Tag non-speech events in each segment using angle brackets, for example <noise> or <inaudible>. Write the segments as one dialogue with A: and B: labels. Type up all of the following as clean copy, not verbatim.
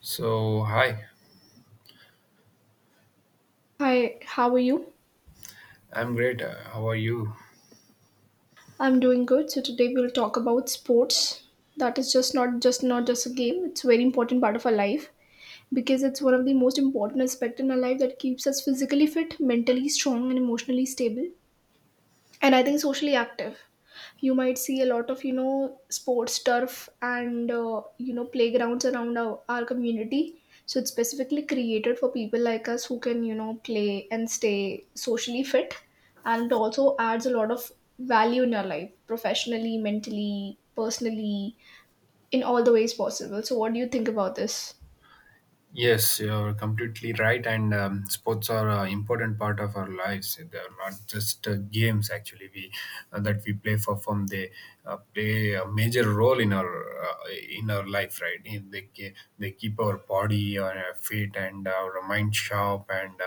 A: So, hi,
B: Hi, how are you?
A: I'm great. How are you?
B: I'm doing good. So today we'll talk about sports. That is just not just a game. It's a very important part of our life because it's one of the most important aspect in our life that keeps us physically fit, mentally strong, and emotionally stable, and I think socially active. You might see a lot of sports turf and playgrounds around our community, so it's specifically created for people like us who can play and stay socially fit, and it also adds a lot of value in your life, professionally, mentally, personally, in all the ways possible. So what do you think about this?
A: Yes, you're completely right. And sports are an important part of our lives. They're not just games, actually, we that we play for fun. They play a major role in our in our life, right? They keep our body fit and our mind sharp and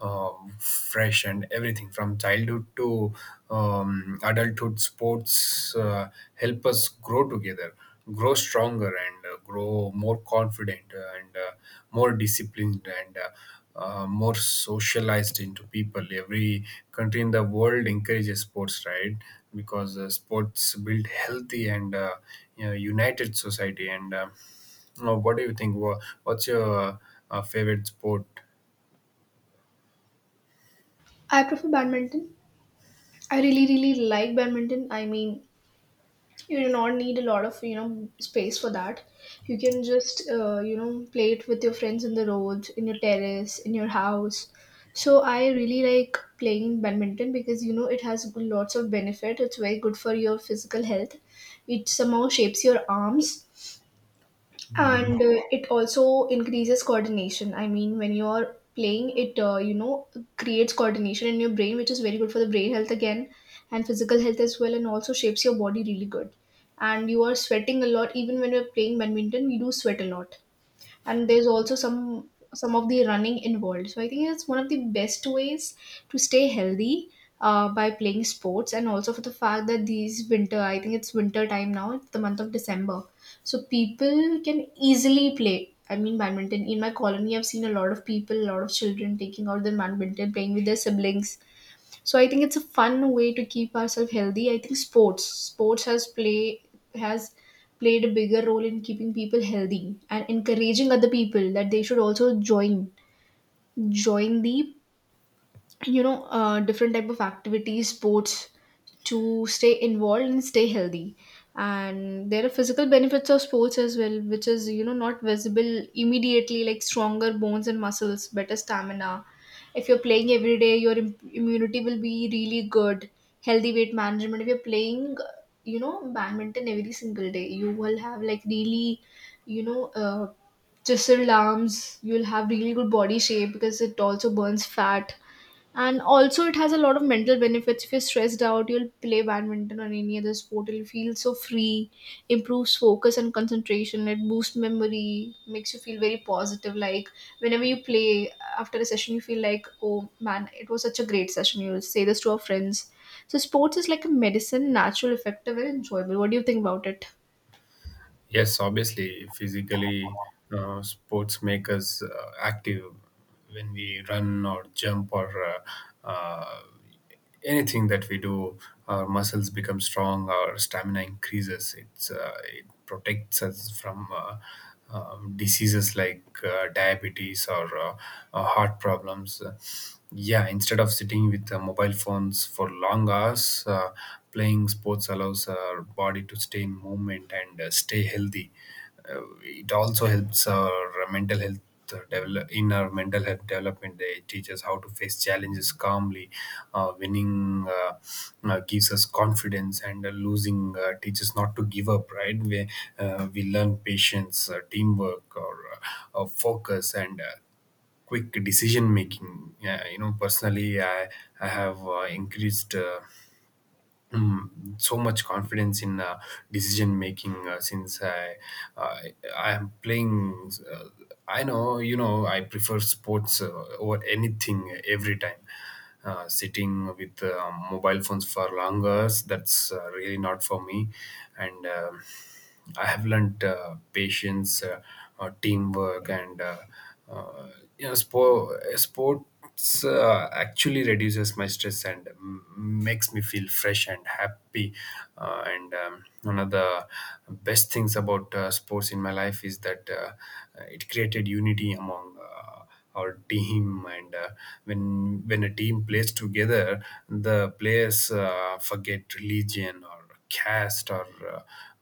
A: fresh, and everything from childhood to adulthood. Sports help us grow together, grow stronger, and grow more confident and more disciplined and more socialized into people. Every country in the world encourages sports, right? Because sports build healthy and, united society. And, what do you think? What's your favorite sport?
B: I prefer badminton. I really really like badminton. I mean, you do not need a lot of space for that. You can just play it with your friends, in the road, in your terrace, in your house. So I really like playing badminton because it has lots of benefit. It's very good for your physical health. It somehow shapes your arms,
A: Mhm.
B: and it also increases coordination. I mean, when you're playing it, creates coordination in your brain, which is very good for the brain health again, and physical health as well, and also shapes your body really good. And you are sweating a lot. Even when you're playing badminton, we do sweat a lot, and there's also some of the running involved. So I think it's one of the best ways to stay healthy, by playing sports. And also, for the fact that these winter, I think it's winter time now, it's the month of December, so people can easily play, I mean, badminton. In my colony, I've seen a lot of people, a lot of children taking out their badminton, playing with their siblings. So I think it's a fun way to keep ourselves healthy. I think sports has played a bigger role in keeping people healthy and encouraging other people that they should also join the different type of activities, sports, to stay involved and stay healthy. And there are physical benefits of sports as well, which is not visible immediately, like stronger bones and muscles, better stamina. If you're playing every day, your immunity will be really good. Healthy weight management. If you're playing badminton every single day, you will have like really you know uh, chiseled arms. You'll have really good body shape because it also burns fat. And also, it has a lot of mental benefits. If you're stressed out, you'll play badminton or any other sport, you'll feel so free. Improves focus and concentration, it boosts memory, makes you feel very positive. Like, whenever you play, after a session, you feel like, oh man, it was such a great session, you'll say this to our friends. So sports is like a medicine, natural, effective, and enjoyable. What do you think about it?
A: Yes, obviously, physically, sports make us active when we run or jump or uh, uh, anything that we do. Our muscles become strong, our stamina increases. It protects us from diseases like diabetes or heart problems. Yeah, instead of sitting with mobile phones for long hours, playing sports allows our body to stay in movement and stay healthy. It also helps our mental health. In our mental health development, they teach us how to face challenges calmly. Winning gives us confidence, and losing teaches not to give up, right? We learn patience, teamwork, or focus and quick decision making. Yeah, personally, I have increased so much confidence in decision making since I am playing. I know I prefer sports over anything every time. Sitting with mobile phones for long hours, that's really not for me, and. I have learned patience, teamwork, and uh, sports actually reduces my stress and makes me feel fresh and happy. And one of the best things about sports in my life is that it created unity among or team. And when a team plays together, the players forget religion or caste or uh,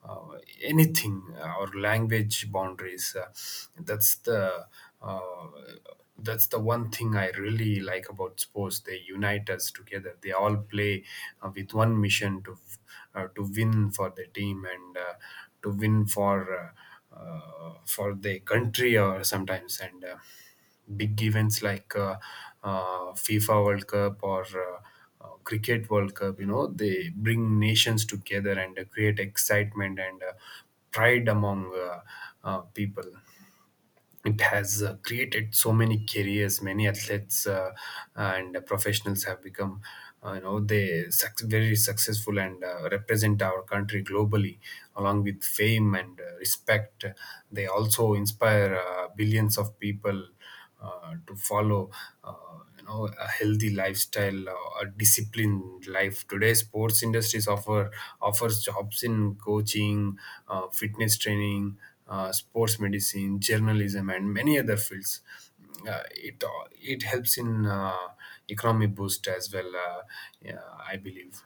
A: anything, or language boundaries. That's the uh, that's the one thing I really like about sports. They unite us together. They all play with one mission, to win for the team and to win for. Uh, for the country, or sometimes, and big events like FIFA World Cup or Cricket World Cup, they bring nations together and create excitement and pride among people. It has created so many careers. Many athletes and professionals have become very successful and represent our country globally, along with fame and respect. They also inspire billions of people to follow a healthy lifestyle, a disciplined life. Today sports industries offers jobs in coaching, fitness training, sports medicine, journalism, and many other fields. It helps in economy boost as well. Yeah, I believe.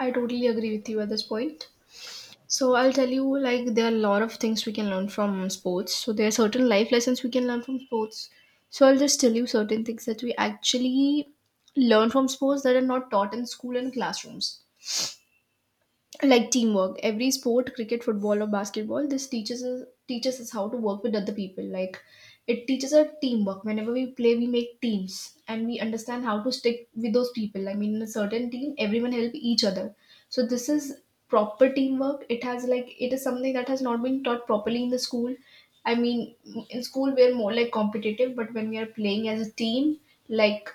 B: I totally agree with you at this point. So I'll tell you, like, there are a lot of things we can learn from sports. So there are certain life lessons we can learn from sports. So I'll just tell you certain things that we actually learn from sports that are not taught in school and classrooms, like teamwork. Every sport, cricket, football, or basketball, this teaches us how to work with other people. Like, it teaches us teamwork. Whenever we play, we make teams and we understand how to stick with those people. I mean, in a certain team, everyone help each other. So this is proper teamwork. It has, like, it is something that has not been taught properly in the school. I mean, in school we're more like competitive, but when we are playing as a team, like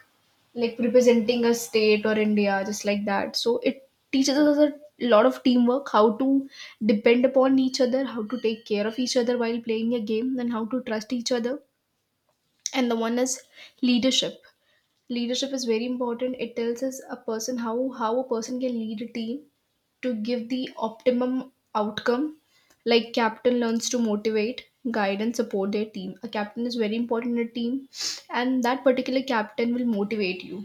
B: like representing a state or India, just like that. So it teaches us a lot of teamwork, how to depend upon each other, how to take care of each other while playing a game, and how to trust each other. And the one is leadership. Leadership is very important. It tells us a person how a person can lead a team to give the optimum outcome. Like, captain learns to motivate, guide, and support their team. A captain is very important in a team, and that particular captain will motivate you.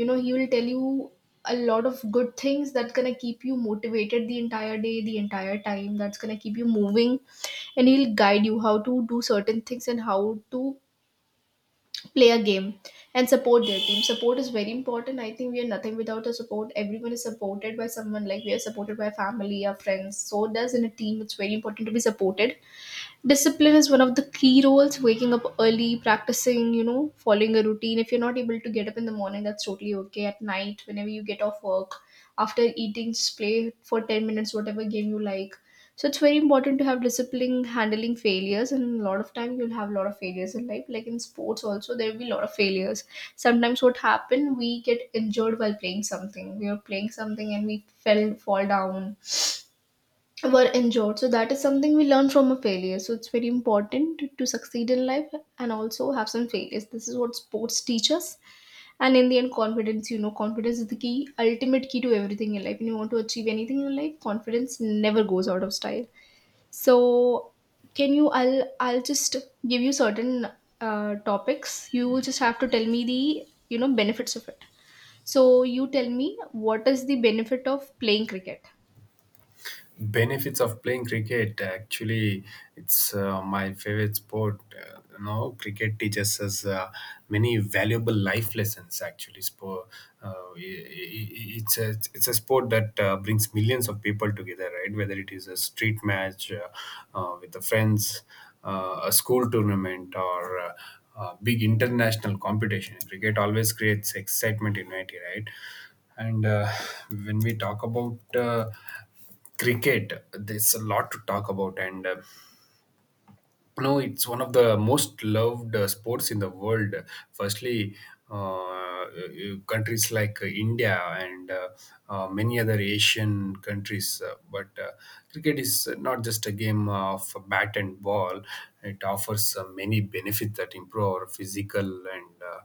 B: You know He will tell you a lot of good things that's gonna keep you motivated the entire day, the entire time, that's gonna keep you moving, and he'll guide you how to do certain things and how to play a game, and support their team. Support is very important. I think we are nothing without a support. Everyone is supported by someone, like we are supported by family, our friends. So does in a team, it's very important to be supported. Discipline is one of the key roles. Waking up early, practicing, following a routine. If you're not able to get up in the morning, that's totally okay. At night, whenever you get off work, after eating, just play for 10 minutes, whatever game you like. So it's very important to have discipline. Handling failures, and a lot of time you'll have a lot of failures in life. Like, in sports also, there will be a lot of failures. Sometimes what happen, we get injured while playing something. We are playing something and we fell fall down, were injured. So that is something we learn from a failure. So it's very important to succeed in life, and also have some failures. This is what sports teach us. And in the end, confidence. Confidence is the key, ultimate key to everything in life. When you want to achieve anything in life, confidence never goes out of style. So can you I'll just give you certain topics. You will just have to tell me the benefits of it. So you tell me, what is the benefit of playing cricket?
A: Benefits of playing cricket? Actually, it's my favorite sport. Cricket teaches us many valuable life lessons. Actually, sport it's a sport that brings millions of people together, right? Whether it is a street match with the friends, a school tournament, or big international competition, cricket always creates excitement in unity, right? And when we talk about cricket, there's a lot to talk about. And no, it's one of the most loved sports in the world. Firstly, countries like India and many other Asian countries, but cricket is not just a game of bat and ball. It offers many benefits that improve our physical and uh,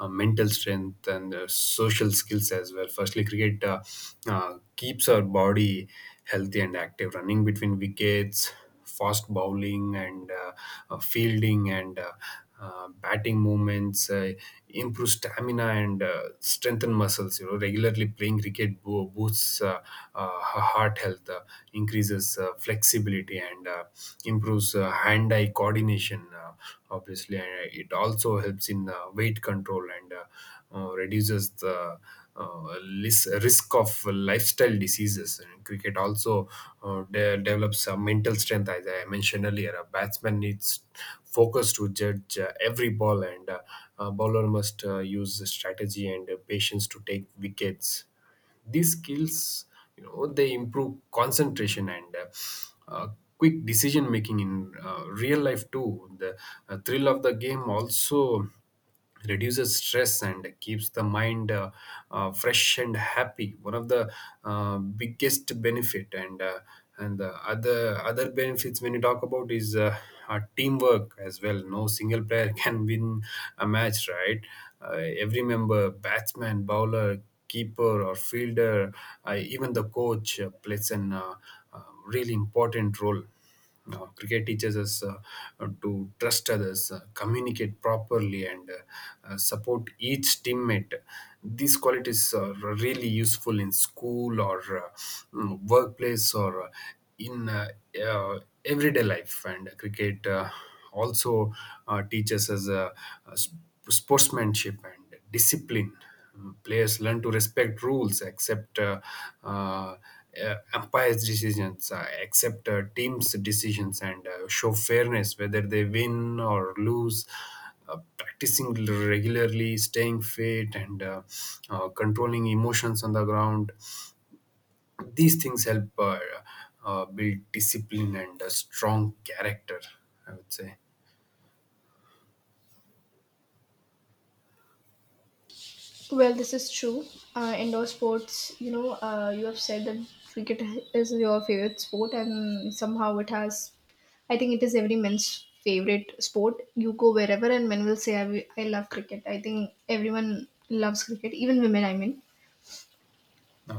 A: uh, mental strength and social skills as well. Firstly, cricket keeps our body healthy and active. Running between wickets, fast bowling and fielding and batting movements improve stamina and strengthen muscles. Regularly playing cricket boosts heart health, increases flexibility, and improves hand-eye coordination. Obviously, and it also helps in weight control and reduces the risk of lifestyle diseases. And cricket also develops a mental strength, as I mentioned earlier. A batsman needs focus to judge every ball, and a bowler must use strategy and patience to take wickets. These skills, they improve concentration and uh, quick decision making in real life too. The thrill of the game also reduces stress and keeps the mind fresh and happy. One of the biggest benefit, and the other benefits when you talk about, is our teamwork as well. No single player <laughs> can win a match, right? uh, every member, batsman, bowler, keeper, or fielder, even the coach, plays an really important role. Cricket teaches us to trust others, communicate properly, and support each teammate. These qualities are really useful in school or workplace or in uh, everyday life. And cricket also teaches us uh, sp- sportsmanship and discipline. Players learn to respect rules, accept uh, umpires' decisions, accept teams' decisions, and show fairness whether they win or lose. Practicing regularly, staying fit, and controlling emotions on the ground. These things help build discipline and a strong character, I would say,
B: Well, this is true. Indoor sports, you have said that cricket is your favorite sport, and somehow it has, I think it is every man's favorite sport. You go wherever, and men will say, I love cricket. I think everyone loves cricket, even women, I mean.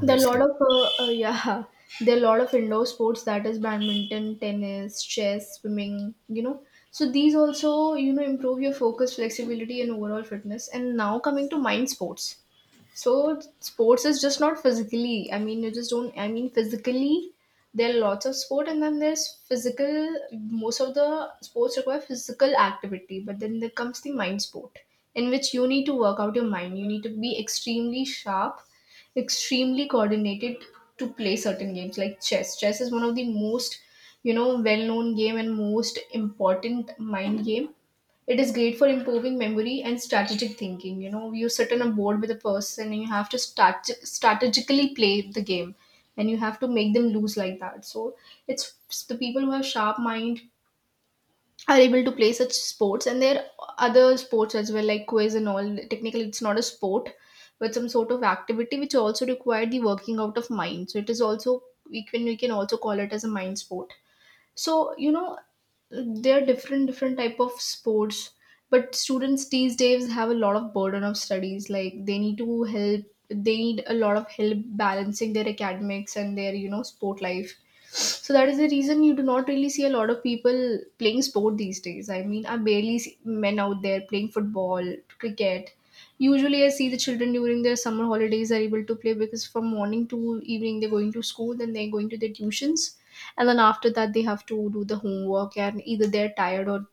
B: There are a lot of, yeah, <laughs> there are a lot of indoor sports, that is badminton, tennis, chess, swimming. So these also, improve your focus, flexibility, and overall fitness. And now, coming to mind sports. So sports is just not physically. I mean, you just don't. I mean, physically, there are lots of sport, and then there's physical. Most of the sports require physical activity, but then there comes the mind sport, in which you need to work out your mind. You need to be extremely sharp, extremely coordinated to play certain games like chess. Chess is one of the most, well-known game, and most important mind game. It is great for improving memory and strategic thinking. You sit on a board with a person, and you have to start strategically play the game, and you have to make them lose like that. So it's the people who have sharp mind are able to play such sports, and there are other sports as well, like quiz and all. Technically it's not a sport, but some sort of activity which also require the working out of mind. So it is also, we can also call it as a mind sport. So there are different type of sports, but students these days have a lot of burden of studies, like they need a lot of help balancing their academics and their sport life. So that is the reason you do not really see a lot of people playing sport these days. I mean, I barely see men out there playing football, cricket. Usually, I see the children during their summer holidays are able to play because from morning to evening they're going to school, then they're going to their tuitions, and then after that they have to do the homework, and either they're tired or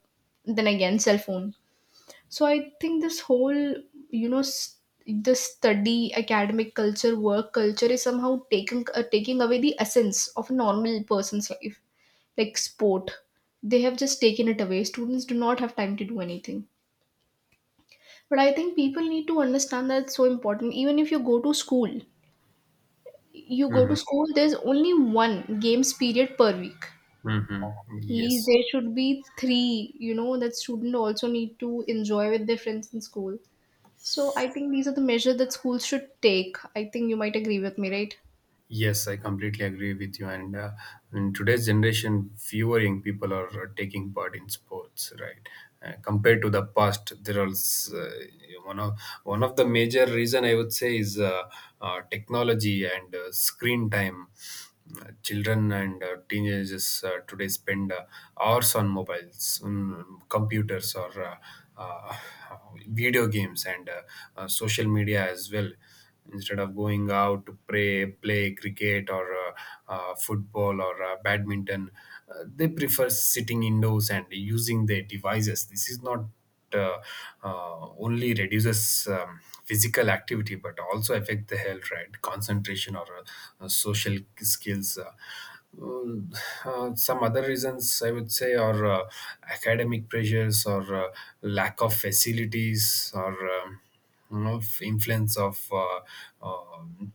B: then again cell phone. So I think this whole you know s the study academic culture, work culture is somehow taking taking away the essence of a normal person's life, like sport. They have just taken it away. Students do not have time to do anything, but I think people need to understand that it's so important. Even if you go to school, there's only one games period per week.
A: Hmm.
B: At least
A: Yes.
B: there should be three. You know, that student also need to enjoy with their friends in school. So I think these are the measures that schools should take. I think you might agree with me, right?
A: Yes, I completely agree with you. And in today's generation, fewer young people are taking part in sports, right? Compared to the past, there is, one of one of the major reason, I would say, is technology and screen time. Children and teenagers today spend hours on mobiles, on computers, or uh, video games and social media as well, instead of going out to play cricket or football or badminton. They prefer sitting indoors and using their devices. This is not uh, only reduces physical activity but also affect the health, right? Concentration or social skills. Um, some other reasons I would say are academic pressures, or lack of facilities, or um, influence of um,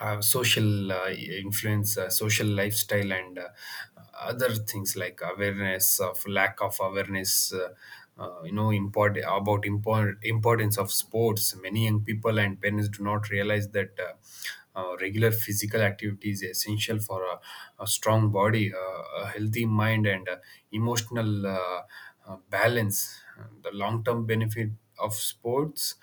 A: social influence, social lifestyle, and other things like awareness of lack of awareness. Importance of sports. Many young people and parents do not realize that regular physical activity is essential for a strong body, a healthy mind, and emotional balance. The long-term benefit of sports,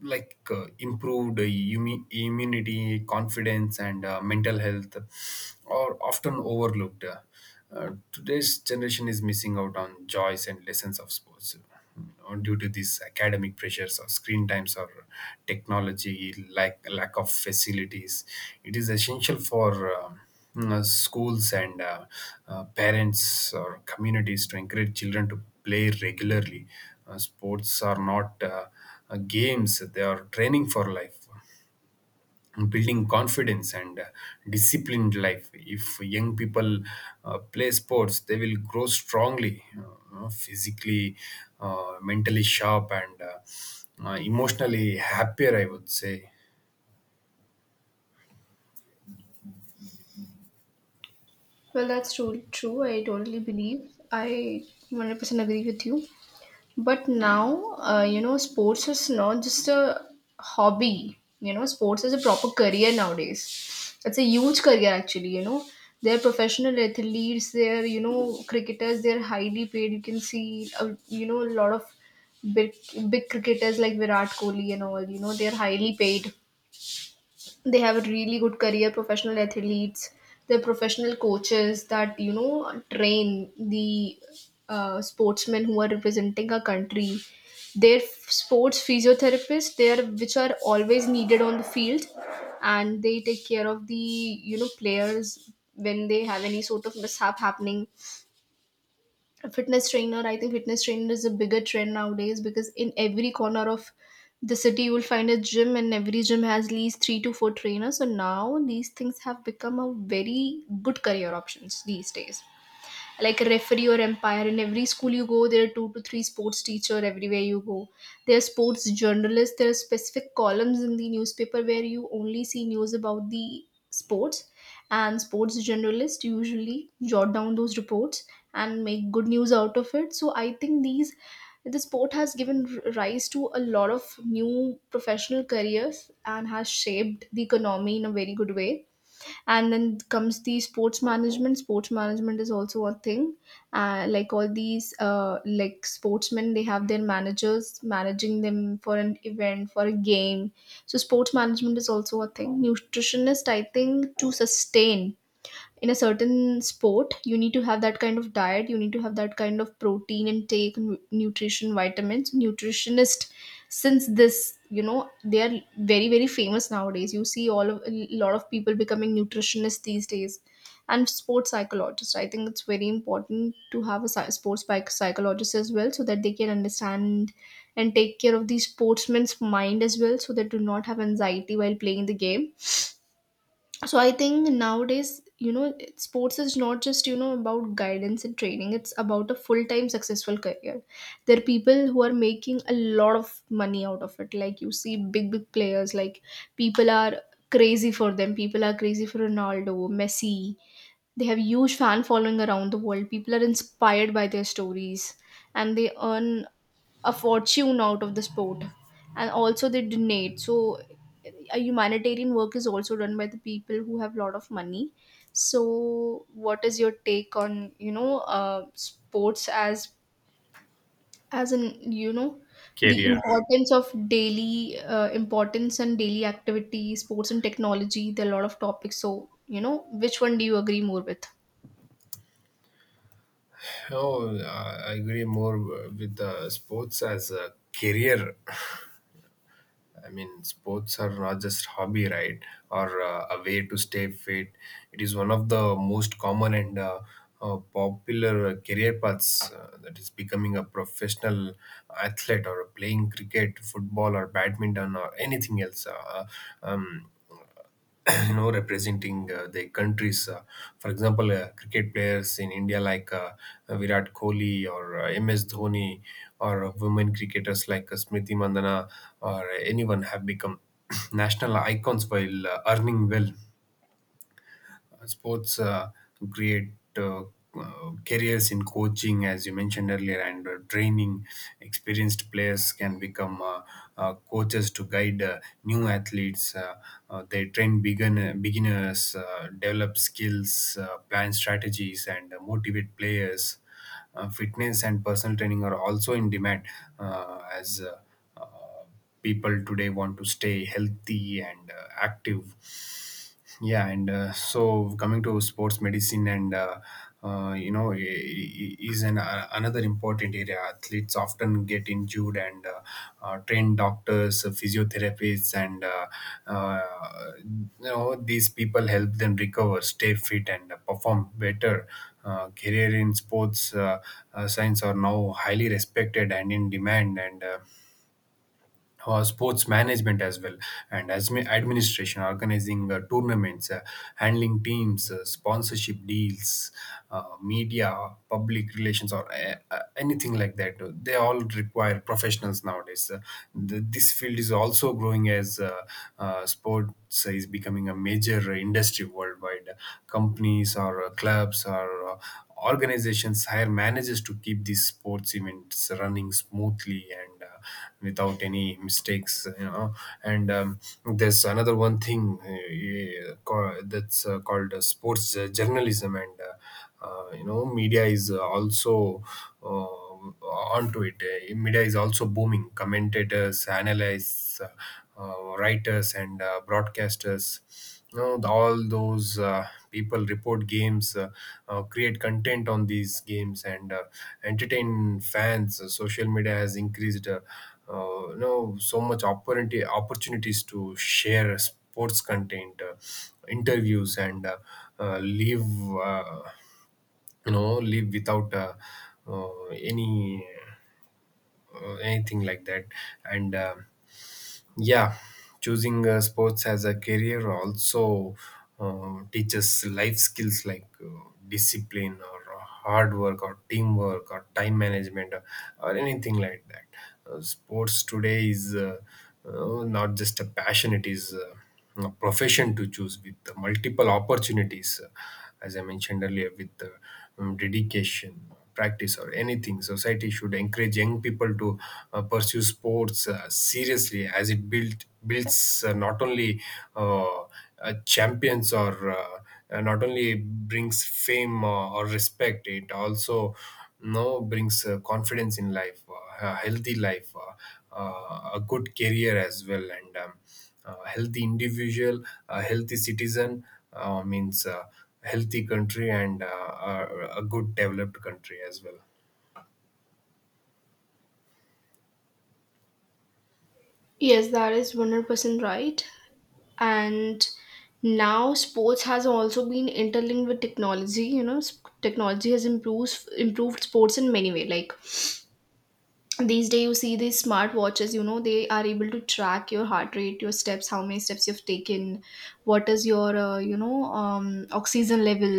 A: like improved immunity, confidence, and mental health are often overlooked. Today's generation is missing out on joys and lessons of sports due to these academic pressures or screen times or technology, like lack of facilities. It is essential for schools and parents or communities to encourage children to play regularly. Sports are not games, they are training for life, building confidence and disciplined life. If young people play sports, they will grow strongly, physically, mentally sharp, and emotionally happier, I would say.
B: Well, that's true. True, I totally believe. I 100% agree with you. But now, you know, sports is not just a hobby. You know, sports is a proper career nowadays. It's a huge career actually. You know, they're professional athletes. They're, you know, cricketers. They're highly paid. You can see, you know, a lot of big big cricketers like Virat Kohli and all. You know, they're highly paid. They have really good career, professional athletes. They're professional coaches that, you know, train the sportsmen who are representing our country. They're sports physiotherapists, they are, which are always needed on the field, and they take care of the, you know, players when they have any sort of mishap happening. Fitness trainer, I think fitness trainer is a bigger trend nowadays, because in every corner of the city you will find a gym, and every gym has at least 3 to 4 trainers. So now these things have become a very good career options these days, like referee or umpire. In every school you go, there are 2 to 3 sports teacher. Everywhere you go, there are sports journalists. There are specific columns in the newspaper where you only see news about the sports, and sports journalists usually jot down those reports and make good news out of it. So I think the sport has given rise to a lot of new professional careers and has shaped the economy in a very good way. And then comes the sports management. Sports management is also a thing. Like all these, like sportsmen, they have their managers managing them for an event, for a game. So sports management is also a thing. Nutritionist, I think to sustain in a certain sport you need to have that kind of diet, you need to have that kind of protein intake, nutrition, vitamins. Nutritionist, since this, you know, they are very very famous nowadays. You see all of a lot of people becoming nutritionists these days. And sports psychologist, I think it's very important to have a sports psychologist as well, so that they can understand and take care of the sportsman's mind as well, so they do not have anxiety while playing the game. So I think nowadays, you know, sports is not just, you know, about guidance and training, it's about a full-time successful career. There are people who are making a lot of money out of it. Like you see big players like, people are crazy for them. People are crazy for Ronaldo, Messi. They have huge fan following around the world. People are inspired by their stories, and they earn a fortune out of the sport. And also they donate. So a humanitarian work is also done by the people who have lot of money. So what is your take on, you know, sports as, you know, the
A: Career?
B: importance of daily, importance and daily activity, sports and technology? There are a lot of topics. So, you know, which one do you agree more with?
A: Oh, I agree more with sports as a career. I mean, sports are not just hobby, right? Or a way to stay fit. It is one of the most common and popular career paths, that is becoming a professional athlete or playing cricket, football, or badminton, or anything else. Um, <clears throat> representing their countries, for example, cricket players in India like Virat Kohli or MS Dhoni, or women cricketers like Smriti Mandana, or anyone have become <clears throat> national icons while earning well. Sports To create uh, careers in coaching, as you mentioned earlier, and training. Experienced players can become coaches to guide new athletes. They train beginners, develop skills, plan strategies, and motivate players. Fitness and personal training are also in demand as uh, people today want to stay healthy and active. Yeah, and so, coming to sports medicine, and is an another important area. Athletes often get injured, and trained doctors, physiotherapists, and uh, these people help them recover, stay fit, and perform better. Career in sports science are now highly respected and in demand, and sports management as well and as administration, organizing tournaments, handling teams, sponsorship deals, media public relations, or anything like that. They all require professionals nowadays. This field is also growing as sports is becoming a major industry worldwide. Companies or clubs or organizations hire managers to keep these sports events running smoothly and without any mistakes. And There's another one thing yeah, that's called sports journalism, and media is also uh, uh, onto it. Media is also booming. Commentators, analysts, writers, and broadcasters. All those people report games, create content on these games, and entertain fans. Social media has increased, so much opportunity opportunities to share sports content, interviews, and leave. Uh, Live without uh, any anything like that. And Yeah, choosing sports as a career also teaches life skills like discipline, or hard work, or teamwork, or time management, or anything like that. Sports today is not just a passion, it is profession to choose with the multiple opportunities, as I mentioned earlier. With the dedication, practice, or anything, society should encourage young people to pursue sports seriously, as it builds not only uh, champions, or not only brings fame or respect, it also no brings confidence in life, a healthy life, a good career as well. And healthy individual, a healthy citizen means a healthy country and a good developed country as well.
B: Yes, that is 100% right. And now sports has also been interlinked with technology. You know, technology has improved sports in many ways. Like these days you see these smart watches, you know, they are able to track your heart rate, your steps, how many steps you've taken, what is your, oxygen level.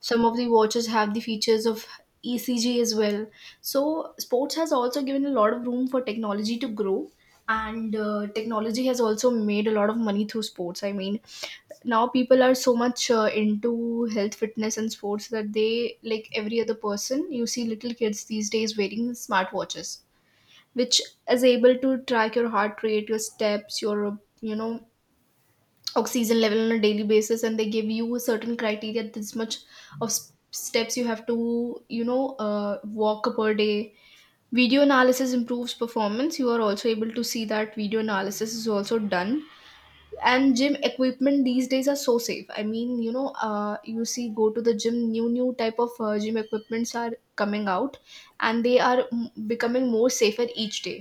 B: Some of the watches have the features of ECG as well. So sports has also given a lot of room for technology to grow, and technology has also made a lot of money through sports. I mean, now people are so much into health, fitness and sports, that they, like every other person, you see little kids these days wearing smartwatches which is able to track your heart rate, your steps, your, you know, oxygen level on a daily basis. And they give you a certain criteria, this much of steps you have to, you know, walk per day. Video analysis improves performance. You are also able to see that video analysis is also done. And gym equipment these days are so safe. I mean, you know, you see, go to the gym, new type of gym equipments are coming out, and they are becoming more safer each day.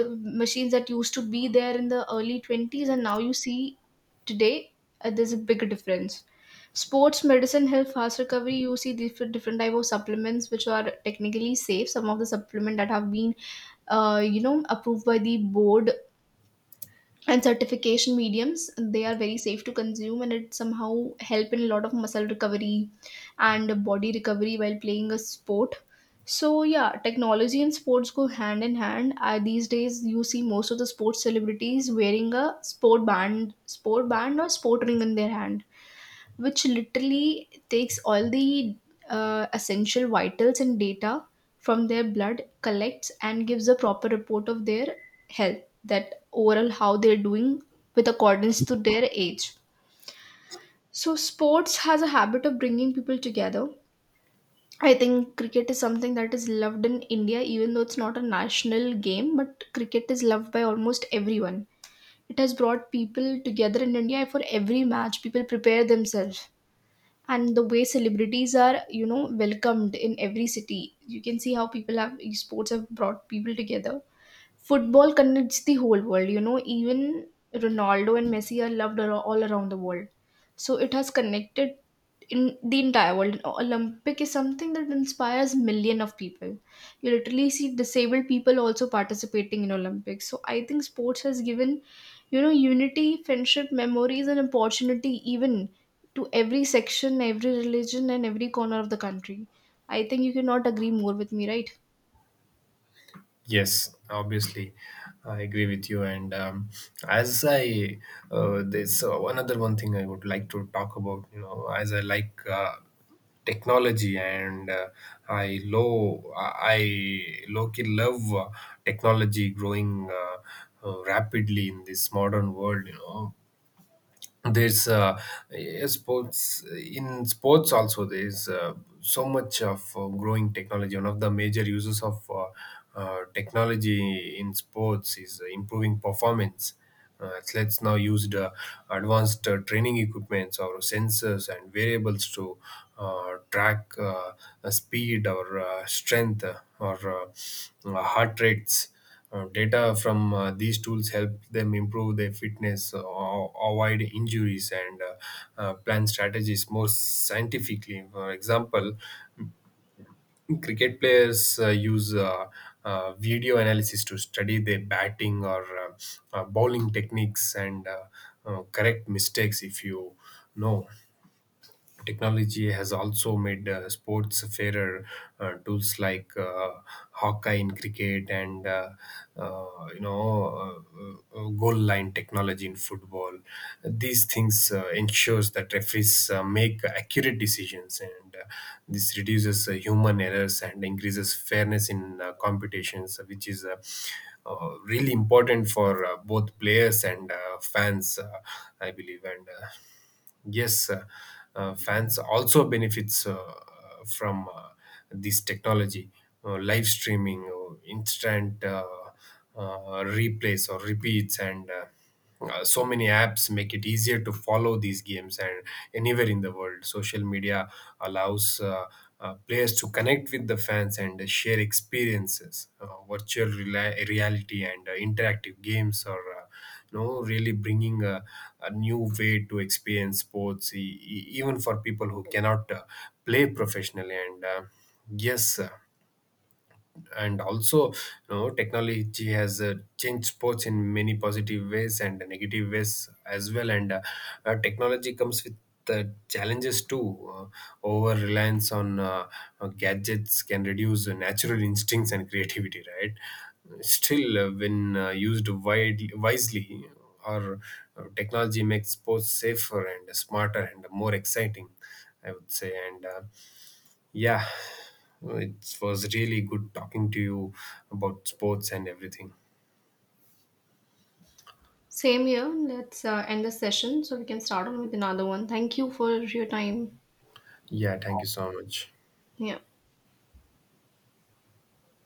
B: The machines that used to be there in the early 20s and now you see today, there's a big difference. Sports medicine help fast recovery. You see different type of supplements which are technically safe. Some of the supplement that have been, approved by the board and certification mediums, they are very safe to consume, and it somehow help in a lot of muscle recovery and body recovery while playing a sport. So yeah, technology and sports go hand in hand. These days you see most of the sports celebrities wearing a sport band, sport band or sport ring in their hand, which literally takes all the essential vitals and data from their blood, collects and gives a proper report of their health, that overall how they're doing with accordance to their age. So, sports has a habit of bringing people together. I think cricket is something that is loved in India, even though it's not a national game, but cricket is loved by almost everyone. It has brought people together in India. For every match, people prepare themselves, and the way celebrities are, you know, welcomed in every city, you can see how people have, sports have brought people together. Football connects the whole world. You know, even Ronaldo and Messi are loved all around the world. So it has connected in the entire world. Olympic is something that inspires million of people. You literally see disabled people also participating in Olympics. So I think sports has given, you know, unity, friendship, memories, and opportunity even to every section, every religion, and every corner of the country. I think you cannot agree more with me, right?
A: Yes, obviously, I agree with you. And As I, there's one other one thing I would like to talk about. You know, as I like technology, and I low key love technology growing rapidly in this modern world. You know, there's yeah, sports also, there's so much of growing technology. One of the major uses of technology in sports is improving performance. Athletes now use the advanced training equipments or sensors and variables to track speed, or strength, or heart rates. Data from these tools help them improve their fitness, avoid injuries, and plan strategies more scientifically. For example, cricket players use video analysis to study their batting, or bowling techniques, and correct mistakes, if you know. Technology has also made sports fairer. Tools like Hawkeye in cricket, and uh, you know goal line technology in football. These things ensures that referees make accurate decisions, and this reduces human errors and increases fairness in competitions, which is really important for both players and fans, I believe. And Yes, fans also benefits from this technology, live streaming, instant replays or repeats, and so many apps make it easier to follow these games and anywhere in the world. Social media allows players to connect with the fans and share experiences, virtual reality, and interactive games or. Really bringing a new way to experience sports, even for people who cannot play professionally. Yes uh, and also, you know, technology has changed sports in many positive ways and negative ways as well, and technology comes with the challenges too. Over reliance on gadgets can reduce natural instincts and creativity, right? Still, when used wisely, or technology makes sports safer and smarter and more exciting, I would say. And Yeah, it was really good talking to you about sports and everything.
B: Same here. Let's end the session so we can start on with another one. Thank you for your time.
A: Yeah, thank you so much.
B: Yeah.